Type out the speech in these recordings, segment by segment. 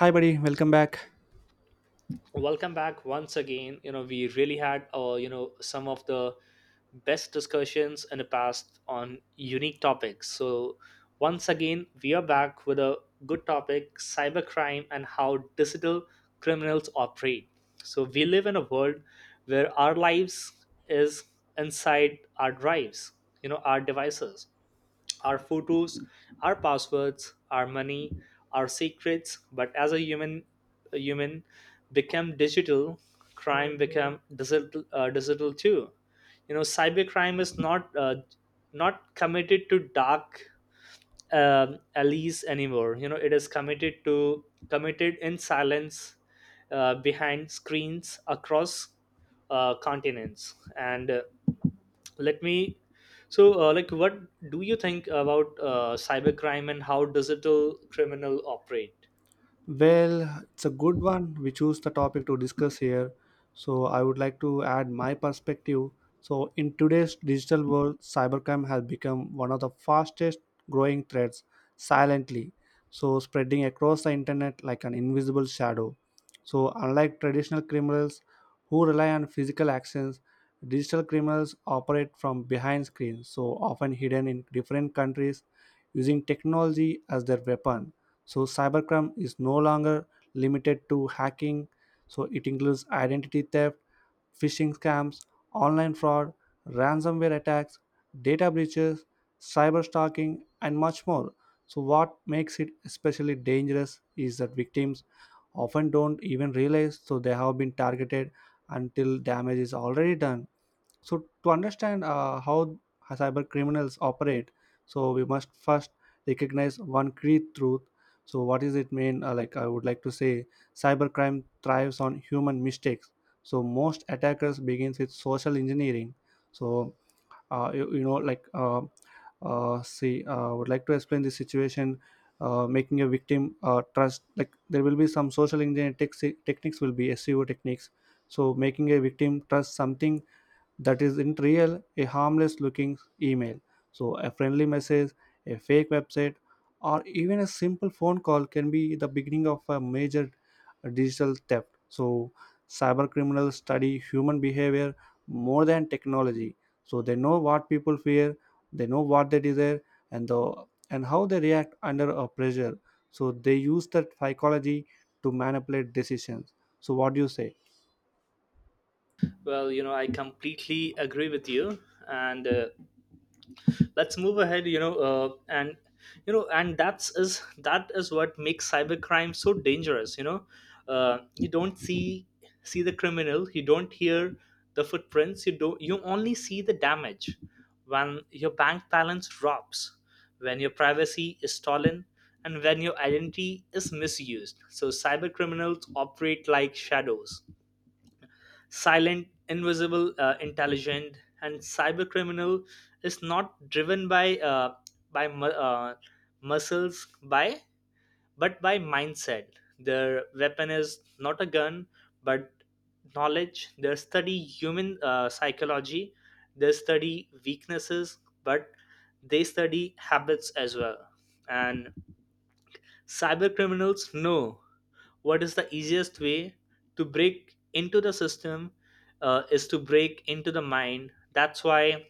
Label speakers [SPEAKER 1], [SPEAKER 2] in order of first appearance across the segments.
[SPEAKER 1] Hi, buddy. Welcome back.
[SPEAKER 2] Welcome back once again. We really had some of the best discussions in the past on unique topics. So once again we are back with a good topic: cybercrime and how digital criminals operate. So we live in a world where our lives is inside our drives, our devices, our photos, our passwords, our money, our secrets. But as a human become digital, crime become digital, digital too. Cybercrime is not committed to dark alleys anymore. It is committed in silence, behind screens, across continents and. Let me so what do you think about cybercrime and how digital criminal operate?
[SPEAKER 1] Well, it's a good one. We choose the topic to discuss here. So, I would like to add my perspective. So, in today's digital world, cybercrime has become one of the fastest growing threats silently. So, spreading across the internet like an invisible shadow. So, unlike traditional criminals who rely on physical actions, digital criminals operate from behind screens, so often hidden in different countries, using technology as their weapon. So cybercrime is no longer limited to hacking. So it includes identity theft, phishing scams, online fraud, ransomware attacks, data breaches, cyber stalking, and much more. So what makes it especially dangerous is that victims often don't even realize so they have been targeted until damage is already done. So to understand how cyber criminals operate, so we must first recognize one key truth. So what is it mean? Like I would like to say, cybercrime thrives on human mistakes. So most attackers begins with social engineering. So uh, you, you know, like uh, I would like to explain this situation. Making a victim trust, like there will be some social engineering techniques, will be SEO techniques. So making a victim trust something that is in real a harmless looking email, so a friendly message, a fake website, or even a simple phone call can be the beginning of a major digital theft. So cyber criminals study human behavior more than technology. So they know what people fear, they know what they desire, and the and how they react under a pressure. So they use that psychology to manipulate decisions. So what do you say?
[SPEAKER 2] Well, I completely agree with you. And let's move ahead. You know uh, and you know and that is what makes cybercrime so dangerous. You don't see the criminal, you don't hear the footprints, you don't you only see the damage when your bank balance drops, when your privacy is stolen, and when your identity is misused. So cyber criminals operate like shadows: silent, invisible, intelligent. And cybercriminal is not driven by muscles, by but by mindset. Their weapon is not a gun, but knowledge. They study human psychology. They study weaknesses, but they study habits as well. And cyber criminals know what is the easiest way to break into the system, is to break into the mind. That's why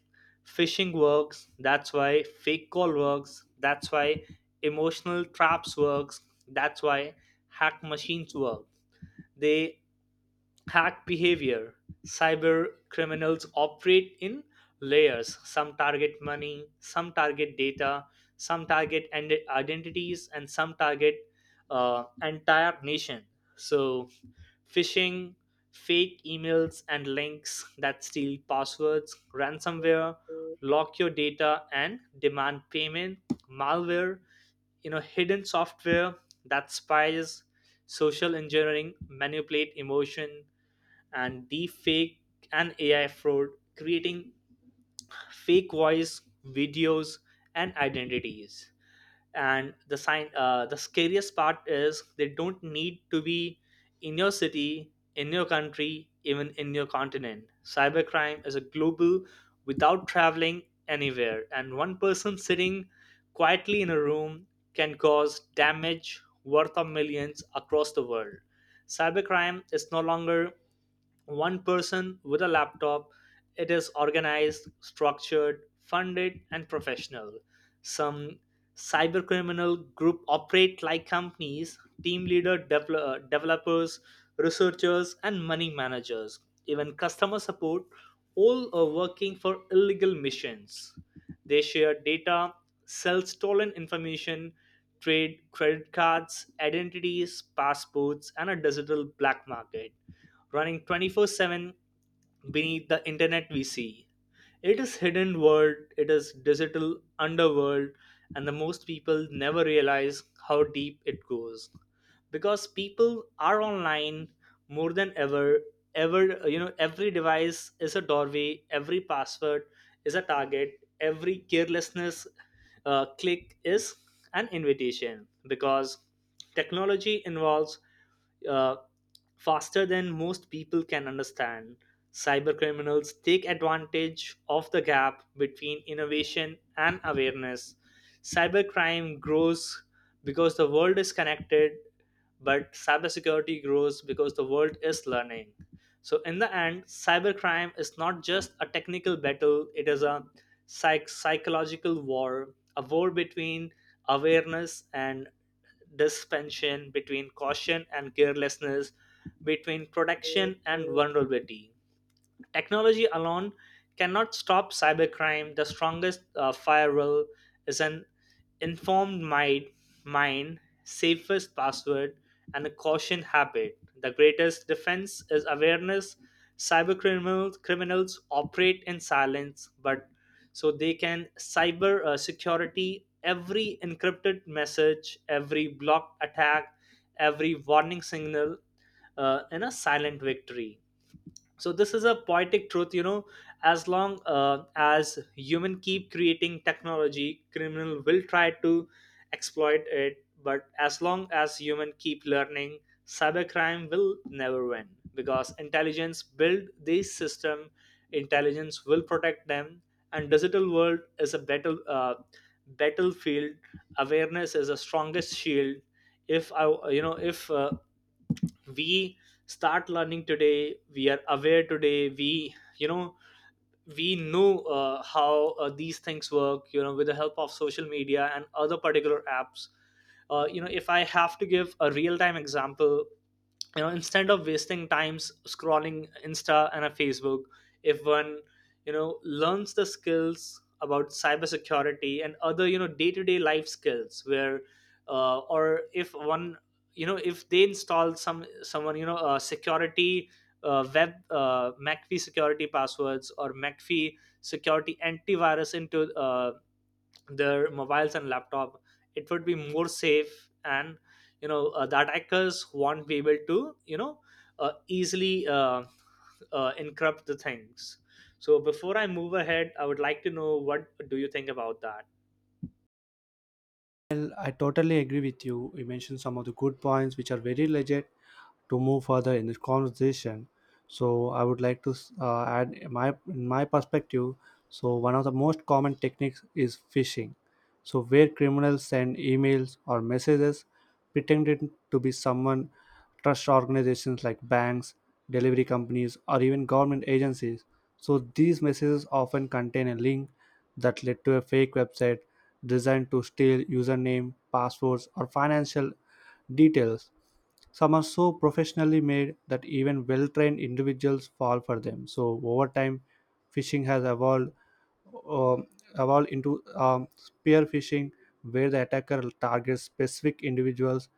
[SPEAKER 2] phishing works, that's why fake call works, that's why emotional traps works, that's why hack machines work. They hack behavior. Cyber criminals operate in layers. Some target money, some target data, some target and identities, and some target entire nation. So, phishing, fake emails and links that steal passwords; ransomware, lock your data and demand payment; malware, hidden software that spies; social engineering, manipulate emotion; and deep fake and AI fraud, creating fake voice, videos, and identities. And the sign, the scariest part is they don't need to be in your city, in your country, even in your continent. Cybercrime is a global without traveling anywhere, and one person sitting quietly in a room can cause damage worth of millions across the world. Cybercrime is no longer one person with a laptop. It is organized, structured, funded, and professional. Some cybercriminal group operate like companies: team leader, developers, researchers, and money managers, even customer support, all are working for illegal missions. They share data, sell stolen information, trade credit cards, identities, passports, and a digital black market running 24/7 beneath the internet we see. It is hidden world, it is digital underworld, and the most people never realize how deep it goes because people are online more than ever. Ever, every device is a doorway, every password is a target, every carelessness click is an invitation because technology involves uh, faster than most people can understand. Cybercriminals take advantage of the gap between innovation and awareness. Cybercrime grows because the world is connected, but cybersecurity grows because the world is learning. So, in the end, cybercrime is not just a technical battle, it is a psychological war, a war between awareness and dispensation, between caution and carelessness, between protection and vulnerability. Technology alone cannot stop cybercrime. The strongest firewall is an informed mind, safest password, and a caution habit. The greatest defense is awareness. Cyber criminals operate in silence, but so they can cyber security, every encrypted message, every blocked attack, every warning signal in a silent victory. So this is a poetic truth. As long as human keep creating technology, criminal will try to exploit it. But as long as human keep learning, cybercrime will never win because intelligence build this system, intelligence will protect them. And digital world is a battlefield. Awareness is the strongest shield. If i, you know if we start learning today, we are aware today, we know how these things work, with the help of social media and other particular apps. If I have to give a real time example, instead of wasting times scrolling insta and a facebook, if one learns the skills about cybersecurity and other day-to-day life skills where or if one if they install someone, security, web mcfee security passwords or mcfee security antivirus into their mobiles and laptop, it would be more safe. And the attackers won't be able to easily encrypt the things. So before I move ahead, I would like to know what do you think about that?
[SPEAKER 1] Well, I totally agree with you. You mentioned some of the good points, which are very legit to move further in this conversation. So I would like to add my perspective. So one of the most common techniques is phishing. So where criminals send emails or messages pretending to be someone trust organizations like banks, delivery companies, or even government agencies. So these messages often contain a link that led to a fake website designed to steal username, passwords, or financial details. Some are so professionally made that even well trained individuals fall for them. So over time, fishing has um, evolve into spear phishing, where the attacker targets specific individuals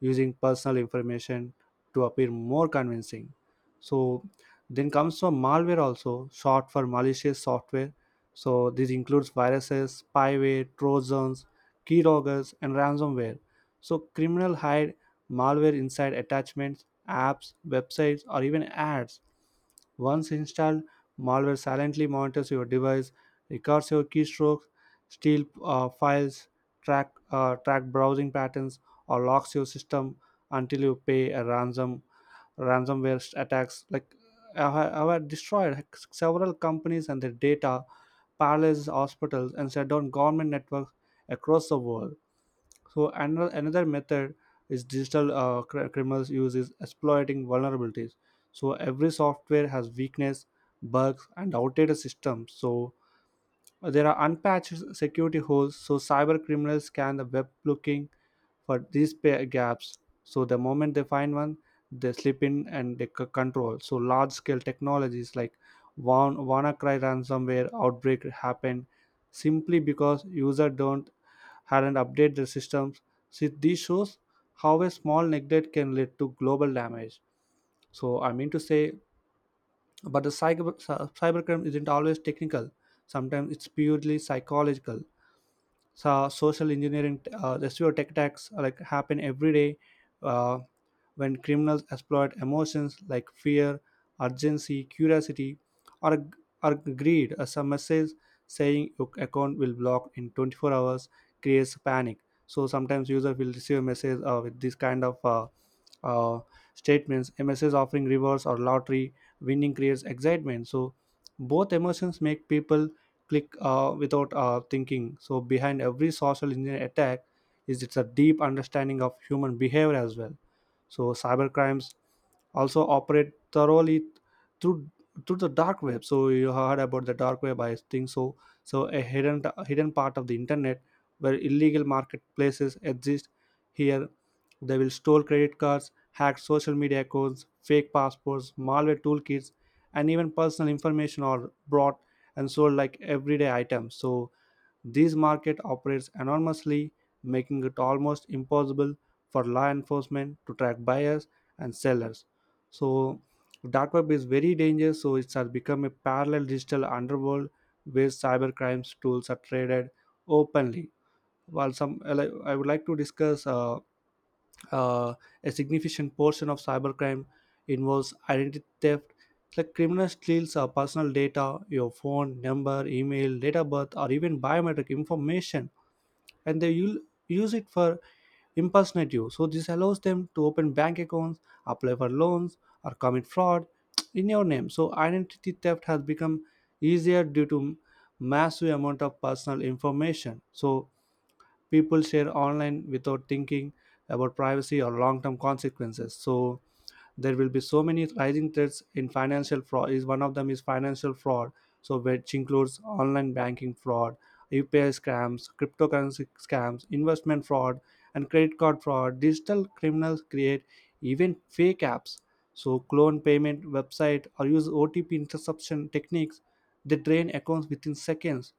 [SPEAKER 1] using personal information to appear more convincing. So then comes from malware, also short for malicious software. So this includes viruses, spyware, trojans, keyloggers, and ransomware. So criminal hide malware inside attachments, apps, websites, or even ads. Once installed, malware silently monitors your device, records your keystrokes, steals files, track browsing patterns, or locks your system until you pay a ransom. Ransomware attacks like have destroyed several companies and their data, paralyzes hospitals, and shut down government networks across the world. So another method is digital criminals use is exploiting vulnerabilities. So every software has weakness, bugs, and outdated systems. So there are unpatched security holes. So cyber criminals scan the web looking for these gaps. So the moment they find one, they slip in and they control. So large scale technologies like WannaCry ransomware outbreak happened simply because user don't hadn't updated their systems. See, this shows how a small neglect can lead to global damage. So I mean to say, but the cybercrime isn't always technical. Sometimes it's purely psychological. So social engineering, the SEO tech attacks, like happen every day, uh, when criminals exploit emotions like fear, urgency, curiosity, or, or greed. Some message saying your account will block in 24 hours creates panic. So sometimes user will receive a message with this kind of uh, statements, a message offering rewards or lottery winning creates excitement. So both emotions make people click without thinking. So behind every social engineering attack is it's a deep understanding of human behavior as well. So cybercrimes also operate thoroughly through through the dark web. So you heard about the dark web, I think so. So a hidden part of the internet where illegal marketplaces exist. Here, they will steal credit cards, hack social media accounts, fake passports, malware toolkits, and even personal information are brought and sold like everyday items. So this market operates anonymously, making it almost impossible for law enforcement to track buyers and sellers. So dark web is very dangerous. So it has become a parallel digital underworld where cyber crimes tools are traded openly. While some, I would like to discuss uh, a significant portion of cybercrime involves identity theft. Like criminals steals our personal data, your phone number, email, date of birth, or even biometric information, and they will use it for impersonate you. So this allows them to open bank accounts, apply for loans, or commit fraud in your name. So identity theft has become easier due to massive amount of personal information. So people share online without thinking about privacy or long-term consequences. So there will be so many rising threats in financial fraud is one of them is financial fraud, so which includes online banking fraud, UPI scams, cryptocurrency scams, investment fraud, and credit card fraud. Digital criminals create even fake apps, so clone payment website, or use OTP interception techniques. They drain accounts within seconds.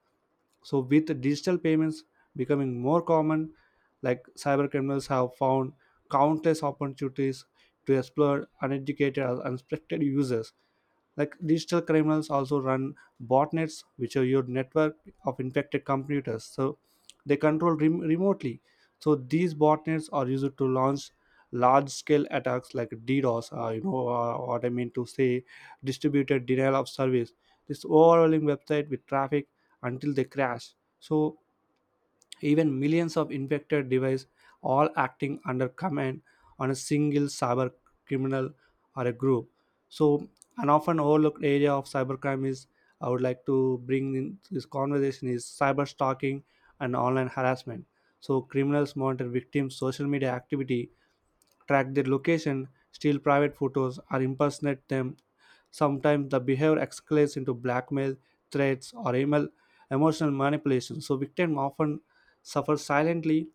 [SPEAKER 1] So with digital payments becoming more common, like cyber criminals have found countless opportunities to exploit uneducated or unsuspected users. Like digital criminals also run botnets, which are your network of infected computers. So they control remotely. So these botnets are used to launch large-scale attacks like DDoS, what I mean to say, distributed denial of service. This overwhelming website with traffic until they crash. So even millions of infected devices all acting under command on a single cyber criminal or a group. So an often overlooked area of cybercrime is I would like to bring in this conversation is cyber stalking and online harassment. So criminals monitor victims social media activity, track their location, steal private photos, or impersonate them. Sometimes the behavior escalates into blackmail, threats, or email, emotional manipulation. So victim often suffer silently,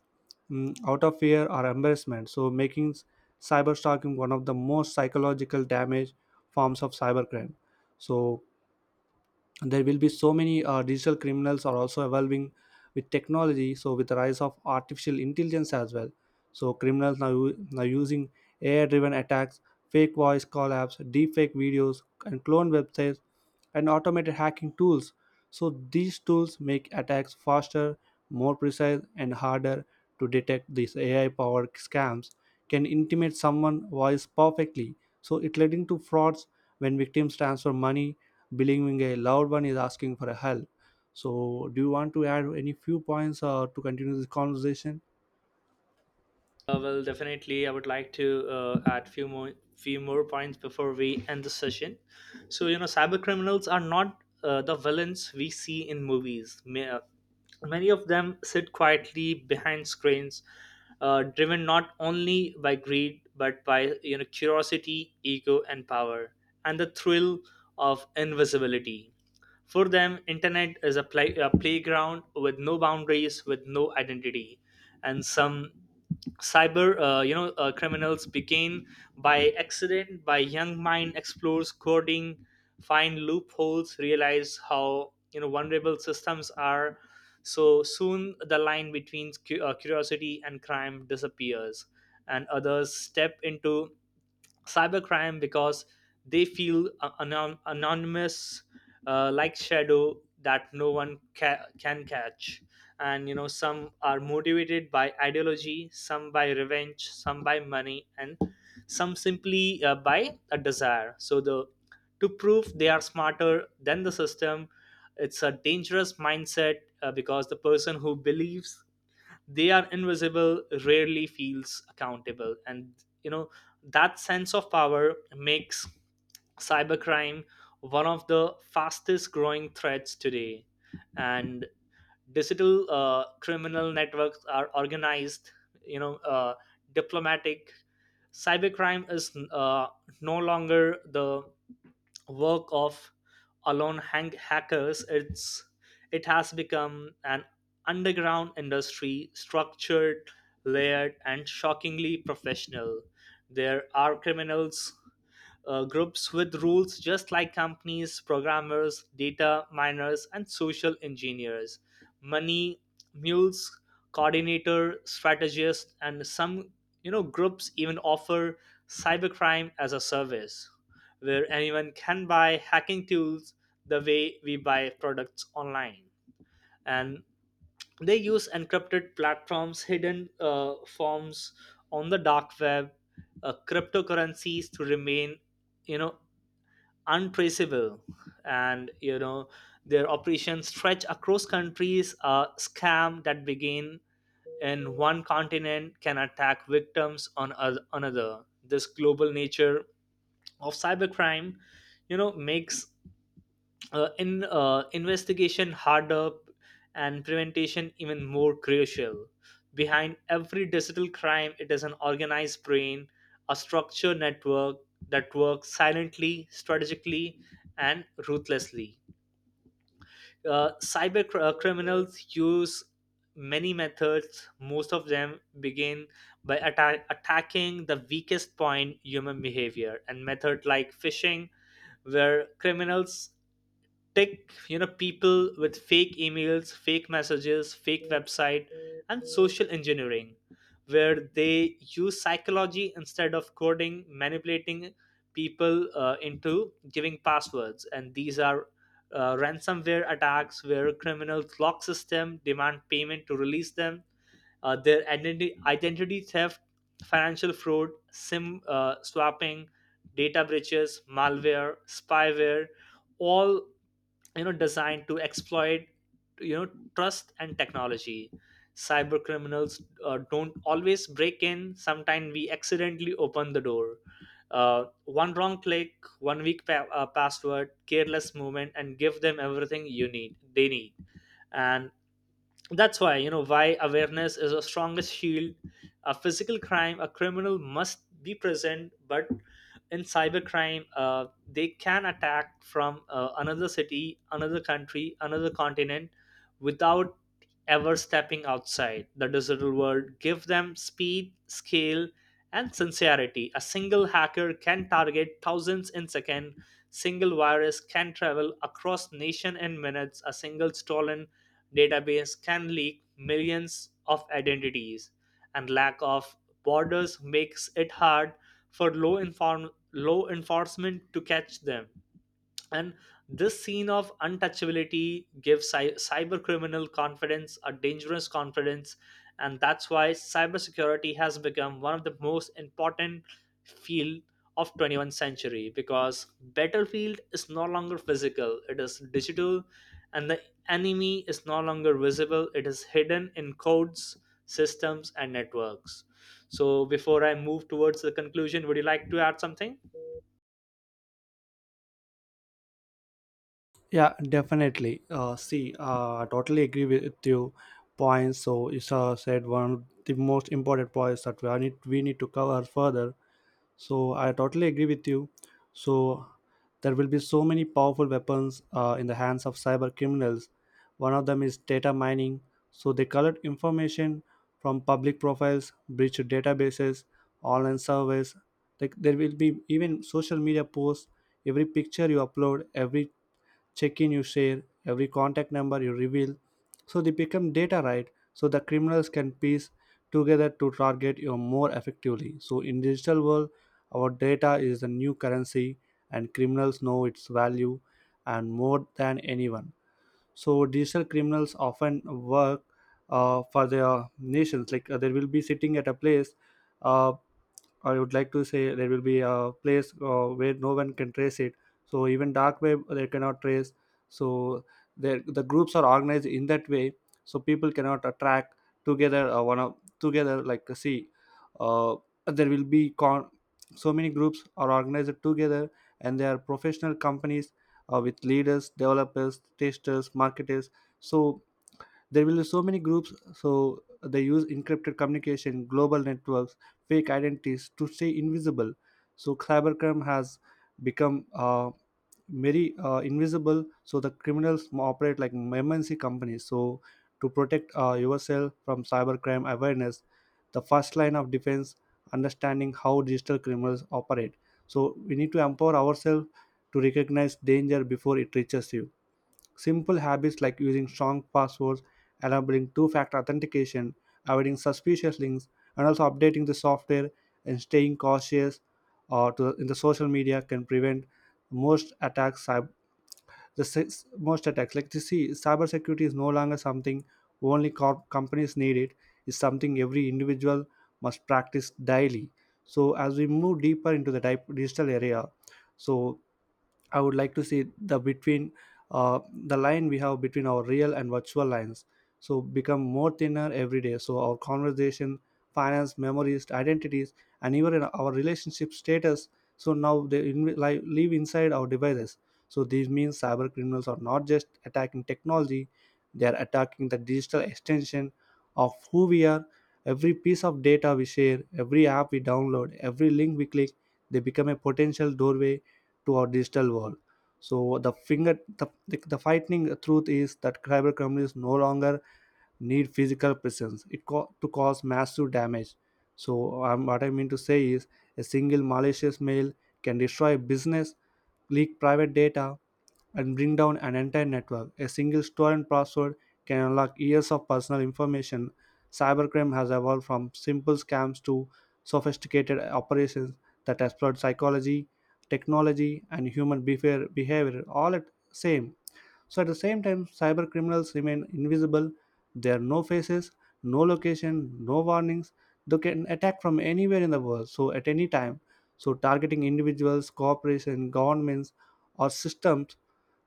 [SPEAKER 1] mm, out of fear or embarrassment. So making cyberstalking one of the most psychological damage forms of cybercrime. So there will be so many digital criminals are also evolving with technology. So with the rise of artificial intelligence as well, so criminals now using AI driven attacks, fake voice call apps, deepfake videos, and clone websites, and automated hacking tools. So these tools make attacks faster, more precise, and harder to detect. These AI powered scams can intimidate someone's voice perfectly, so it leading to frauds when victims transfer money believing a loved one is asking for a help. So, do you want to add any few points to continue this conversation?
[SPEAKER 2] Well, definitely, I would like to add few more points before we end the session. So, cyber criminals are not the villains we see in movies. Many of them sit quietly behind screens, driven not only by greed but by curiosity, ego, and power, and the thrill of invisibility. For them, internet is a playground with no boundaries, with no identity. And some cyber criminals begin by accident, by young mind explores coding, find loopholes, realize how vulnerable systems are. So soon the line between curiosity and crime disappears. And others step into cybercrime because they feel anonymous, like shadow that no one can catch. And some are motivated by ideology, some by revenge, some by money, and some simply by a desire so the to prove they are smarter than the system. It's a dangerous mindset because the person who believes they are invisible rarely feels accountable. And you know that sense of power makes cybercrime one of the fastest growing threats today. And digital criminal networks are organized, you know uh, diplomatic. Cybercrime is no longer the work of alone hackers. It's it has become an underground industry, structured, layered, and shockingly professional. There are criminals groups with rules just like companies: programmers, data miners, and social engineers. Money mules, coordinator, strategists, and some groups even offer cybercrime as a service, where anyone can buy hacking tools the way we buy products online. And they use encrypted platforms, hidden forms on the dark web, cryptocurrencies to remain you know untraceable. And their operations stretch across countries. A scam that begin in one continent can attack victims on another. This global nature of cybercrime makes in investigation harder and prevention even more crucial. Behind every digital crime, it is an organized brain, a structured network that works silently, strategically, and ruthlessly. Cyber criminals use many methods. Most of them begin by attacking the weakest point, human behavior, and method like phishing, where criminals tech people with fake emails, fake messages, fake website. And social engineering, where they use psychology instead of coding, manipulating people into giving passwords. And these are ransomware attacks, where criminals lock system, demand payment to release them. Their identity theft, financial fraud, sim swapping, data breaches, malware, spyware, all designed to exploit you know trust and technology. Cyber criminals don't always break in, sometimes we accidentally open the door. One wrong click, one password, careless movement, and give them everything you need they need. And that's why awareness is a strongest shield. A physical crime, a criminal must be present, but in cybercrime, they can attack from another city, another country, another continent without ever stepping outside the digital world. Give them speed, scale, and sincerity. A single hacker can target thousands in second, single virus can travel across nation in minutes, a single stolen database can leak millions of identities. And lack of borders makes it hard for law enforcement to catch them. And this scene of untouchability gives cyber criminal confidence, a dangerous confidence. And that's why cybersecurity has become one of the most important field of 21st century because battlefield is no longer physical, it is digital. And the enemy is no longer visible, it is hidden in codes, systems, and networks. So before I move towards the conclusion, would you like to add something?
[SPEAKER 1] Yeah, definitely. I totally agree with you points. So, you said one of the most important points that we need to cover further. So I totally agree with you. So there will be so many powerful weapons in the hands of cyber criminals. One of them is data mining. So they collect information from public profiles, breach databases, online surveys. Like there will be even social media posts. Every picture you upload, every check-in you share, every contact number you reveal. So they become data, right? So the criminals can piece together to target you more effectively. So in digital world, our data is the new currency, and criminals know its value and more than anyone. So digital criminals often work for their nations. Like they will be sitting at a place. Uh, I would like to say there will be a place where no one can trace it. So even dark web they cannot trace. So the groups are organized in that way, so people cannot attract together one of together, like see. Uh, there will be so many groups are organized together, and they are professional companies with leaders, developers, testers, marketers. So there will be so many groups, so they use encrypted communication, global networks, fake identities to stay invisible. So cybercrime has become very invisible. So the criminals operate like MNC companies. So to protect yourself from cybercrime, awareness the first line of defense, understanding how digital criminals operate, so we need to empower ourselves to recognize danger before it reaches you. Simple habits like using strong passwords, enabling two factor authentication, avoiding suspicious links, and also updating the software and staying cautious in the social media can prevent most attacks. The six, most attacks, like you see, cybersecurity is no longer something only companies need. It's something every individual must practice daily. So as we move deeper into the digital area, so I would like to see the between uh, the line we have between our real and virtual lines. So become more thinner every day. So our conversation, finance, memories, identities, and even our relationship status. So now they live inside our devices. So this means cyber criminals are not just attacking technology; they are attacking the digital extension of who we are. Every piece of data we share, every app we download, every link we click, they become a potential doorway to our digital world. So the finger the frightening truth is that cyber companies no longer need physical presence to cause massive damage. So what I mean to say is a single malicious mail can destroy a business, leak private data, and bring down an entire network. A single stolen password can unlock years of personal information. Cybercrime has evolved from simple scams to sophisticated operations that exploit psychology, technology, and human behavior all at same. So at the same time, cyber criminals remain invisible. There are no faces, no location, no warnings. They can attack from anywhere in the world, so at any time. So targeting individuals, corporations, governments, or systems,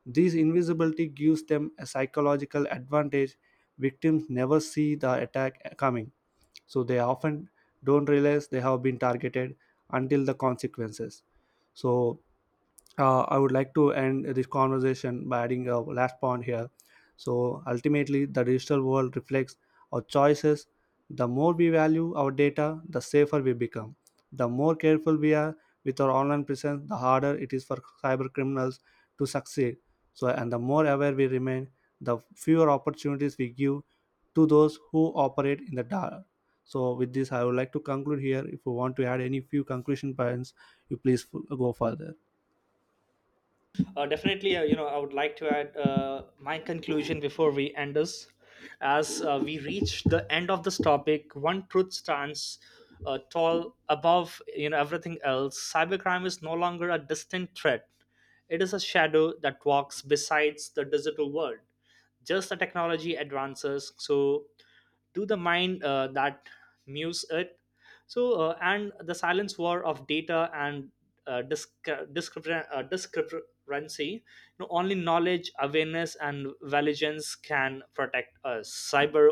[SPEAKER 1] this invisibility gives them a psychological advantage. Victims never see the attack coming, so they often don't realize they have been targeted until the consequences. So, I would like to end this conversation by adding a last point here. So ultimately, the digital world reflects our choices. The more we value our data, the safer we become. The more careful we are with our online presence, the harder it is for cyber criminals to succeed. So, and the more aware we remain, the fewer opportunities we give to those who operate in the dark. So, with this, I would like to conclude here. If you want to add any few conclusion points, you please go further.
[SPEAKER 2] Definitely. I would like to add my conclusion before we end this. As we reach the end of this topic, one truth stands tall above everything else. Cybercrime is no longer a distant threat; it is a shadow that walks besides the digital world. Just the technology advances, so to the mind that muse it. So and the silence war of data and discrepancy. Only knowledge, awareness, and vigilance can protect us. Cyber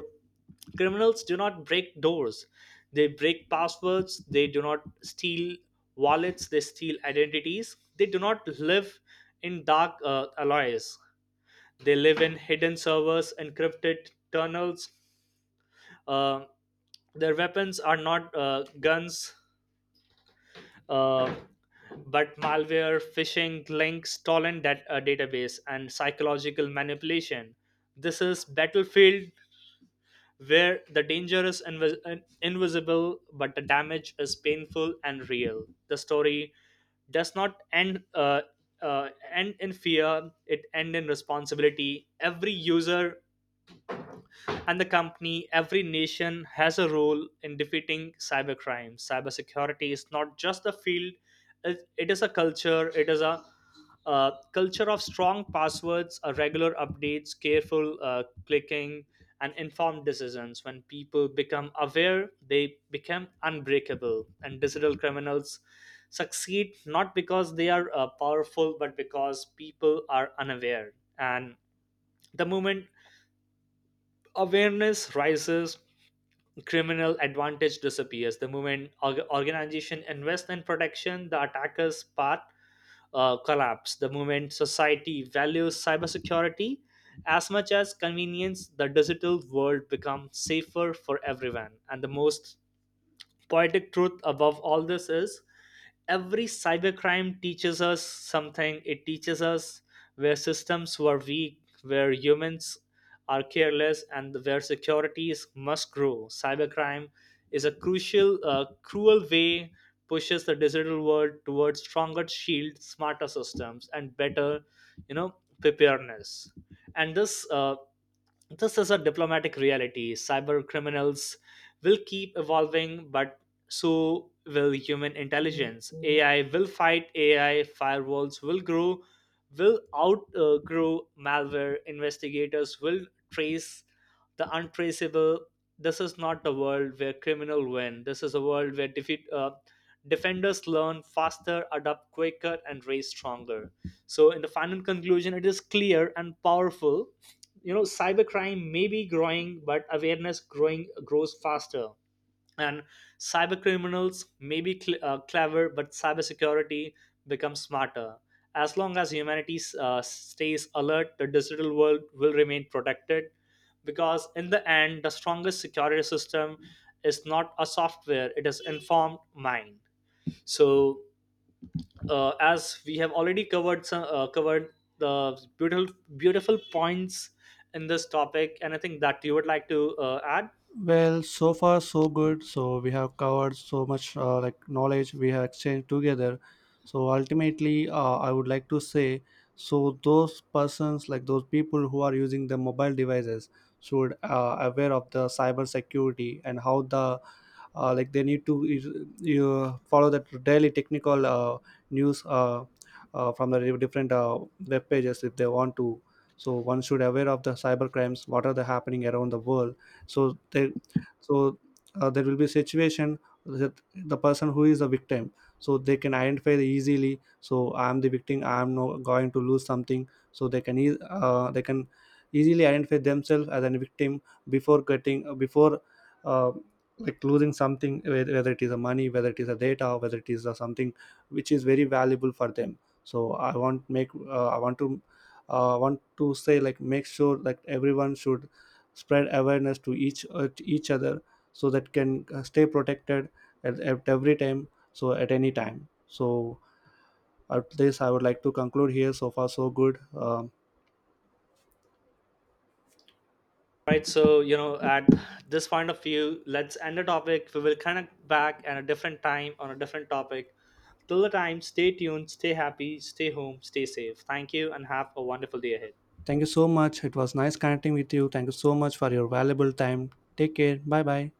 [SPEAKER 2] criminals do not break doors, they break passwords. They do not steal wallets, they steal identities. They do not live in dark alloys, they live in hidden servers, encrypted tunnels. uh, their weapons are not guns, uh, but malware, phishing, links, database, and psychological manipulation. This is battlefield where the danger is invisible, but the damage is painful and real. The story does not end in fear; it end in responsibility. Every user and the company, every nation has a role in defeating cybercrime. Cybersecurity is not just a field, it is a culture, it is a culture of strong passwords, regular updates, careful clicking, and informed decisions. When people become aware, they become unbreakable, and digital criminals succeed not because they are powerful, but because people are unaware. And the moment awareness rises, criminal advantage disappears. The moment organization invests in protection, the attacker's path collapse. The moment society values cybersecurity as much as convenience, the digital world becomes safer for everyone. And the most poetic truth above all this is every cybercrime teaches us something. It teaches us where systems were weak, where humans are careless, and where securities must grow. Cybercrime is a crucial, cruel way, pushes the digital world towards stronger shields, smarter systems, and better, you know, preparedness. And this is a diplomatic reality. Cyber criminals will keep evolving, but so will human intelligence. AI will fight AI, firewalls will grow, will outgrow malware, investigators will trace the untraceable. This is not the world where criminal win. This is a world where defenders learn faster, adapt quicker, and raise stronger. So, in the final conclusion, it is clear and powerful. Cybercrime may be growing, but awareness growing grows faster. And cyber criminals may be clever, but cybersecurity becomes smarter. As long as humanity stays alert, the digital world will remain protected because in the end, the strongest security system is not a software, it is informed mind. So as we have already covered the beautiful points in this topic, anything that you would like to add?
[SPEAKER 1] Well, so far so good. So we have covered so much like knowledge we have exchanged together. So ultimately, I would like to say, so those persons like those people who are using the mobile devices should aware of the cyber security and how the like they need to you follow that daily technical news from the different web pages if they want to. So one should aware of the cyber crimes what are the happening around the world, so they, so there will be situation that the person who is the victim, so they can identify the easily. So I am the victim, I am no, going to lose something, so they can they can easily identify themselves as a victim before getting before uh, like losing something, whether it is a money, whether it is a data, whether it is a something which is very valuable for them. So I want make I want to say, like make sure that everyone should spread awareness to each other, so that can stay protected at every time, so at any time. So at this I would like to conclude here. So far so good. um,
[SPEAKER 2] Right. So at this point of view, let's end the topic. We will connect back at a different time on a different topic. Till the time, stay tuned, stay happy, stay home, stay safe. Thank you and have a wonderful day ahead.
[SPEAKER 1] Thank you so much. It was nice connecting with you. Thank you so much for your valuable time. Take care. Bye bye.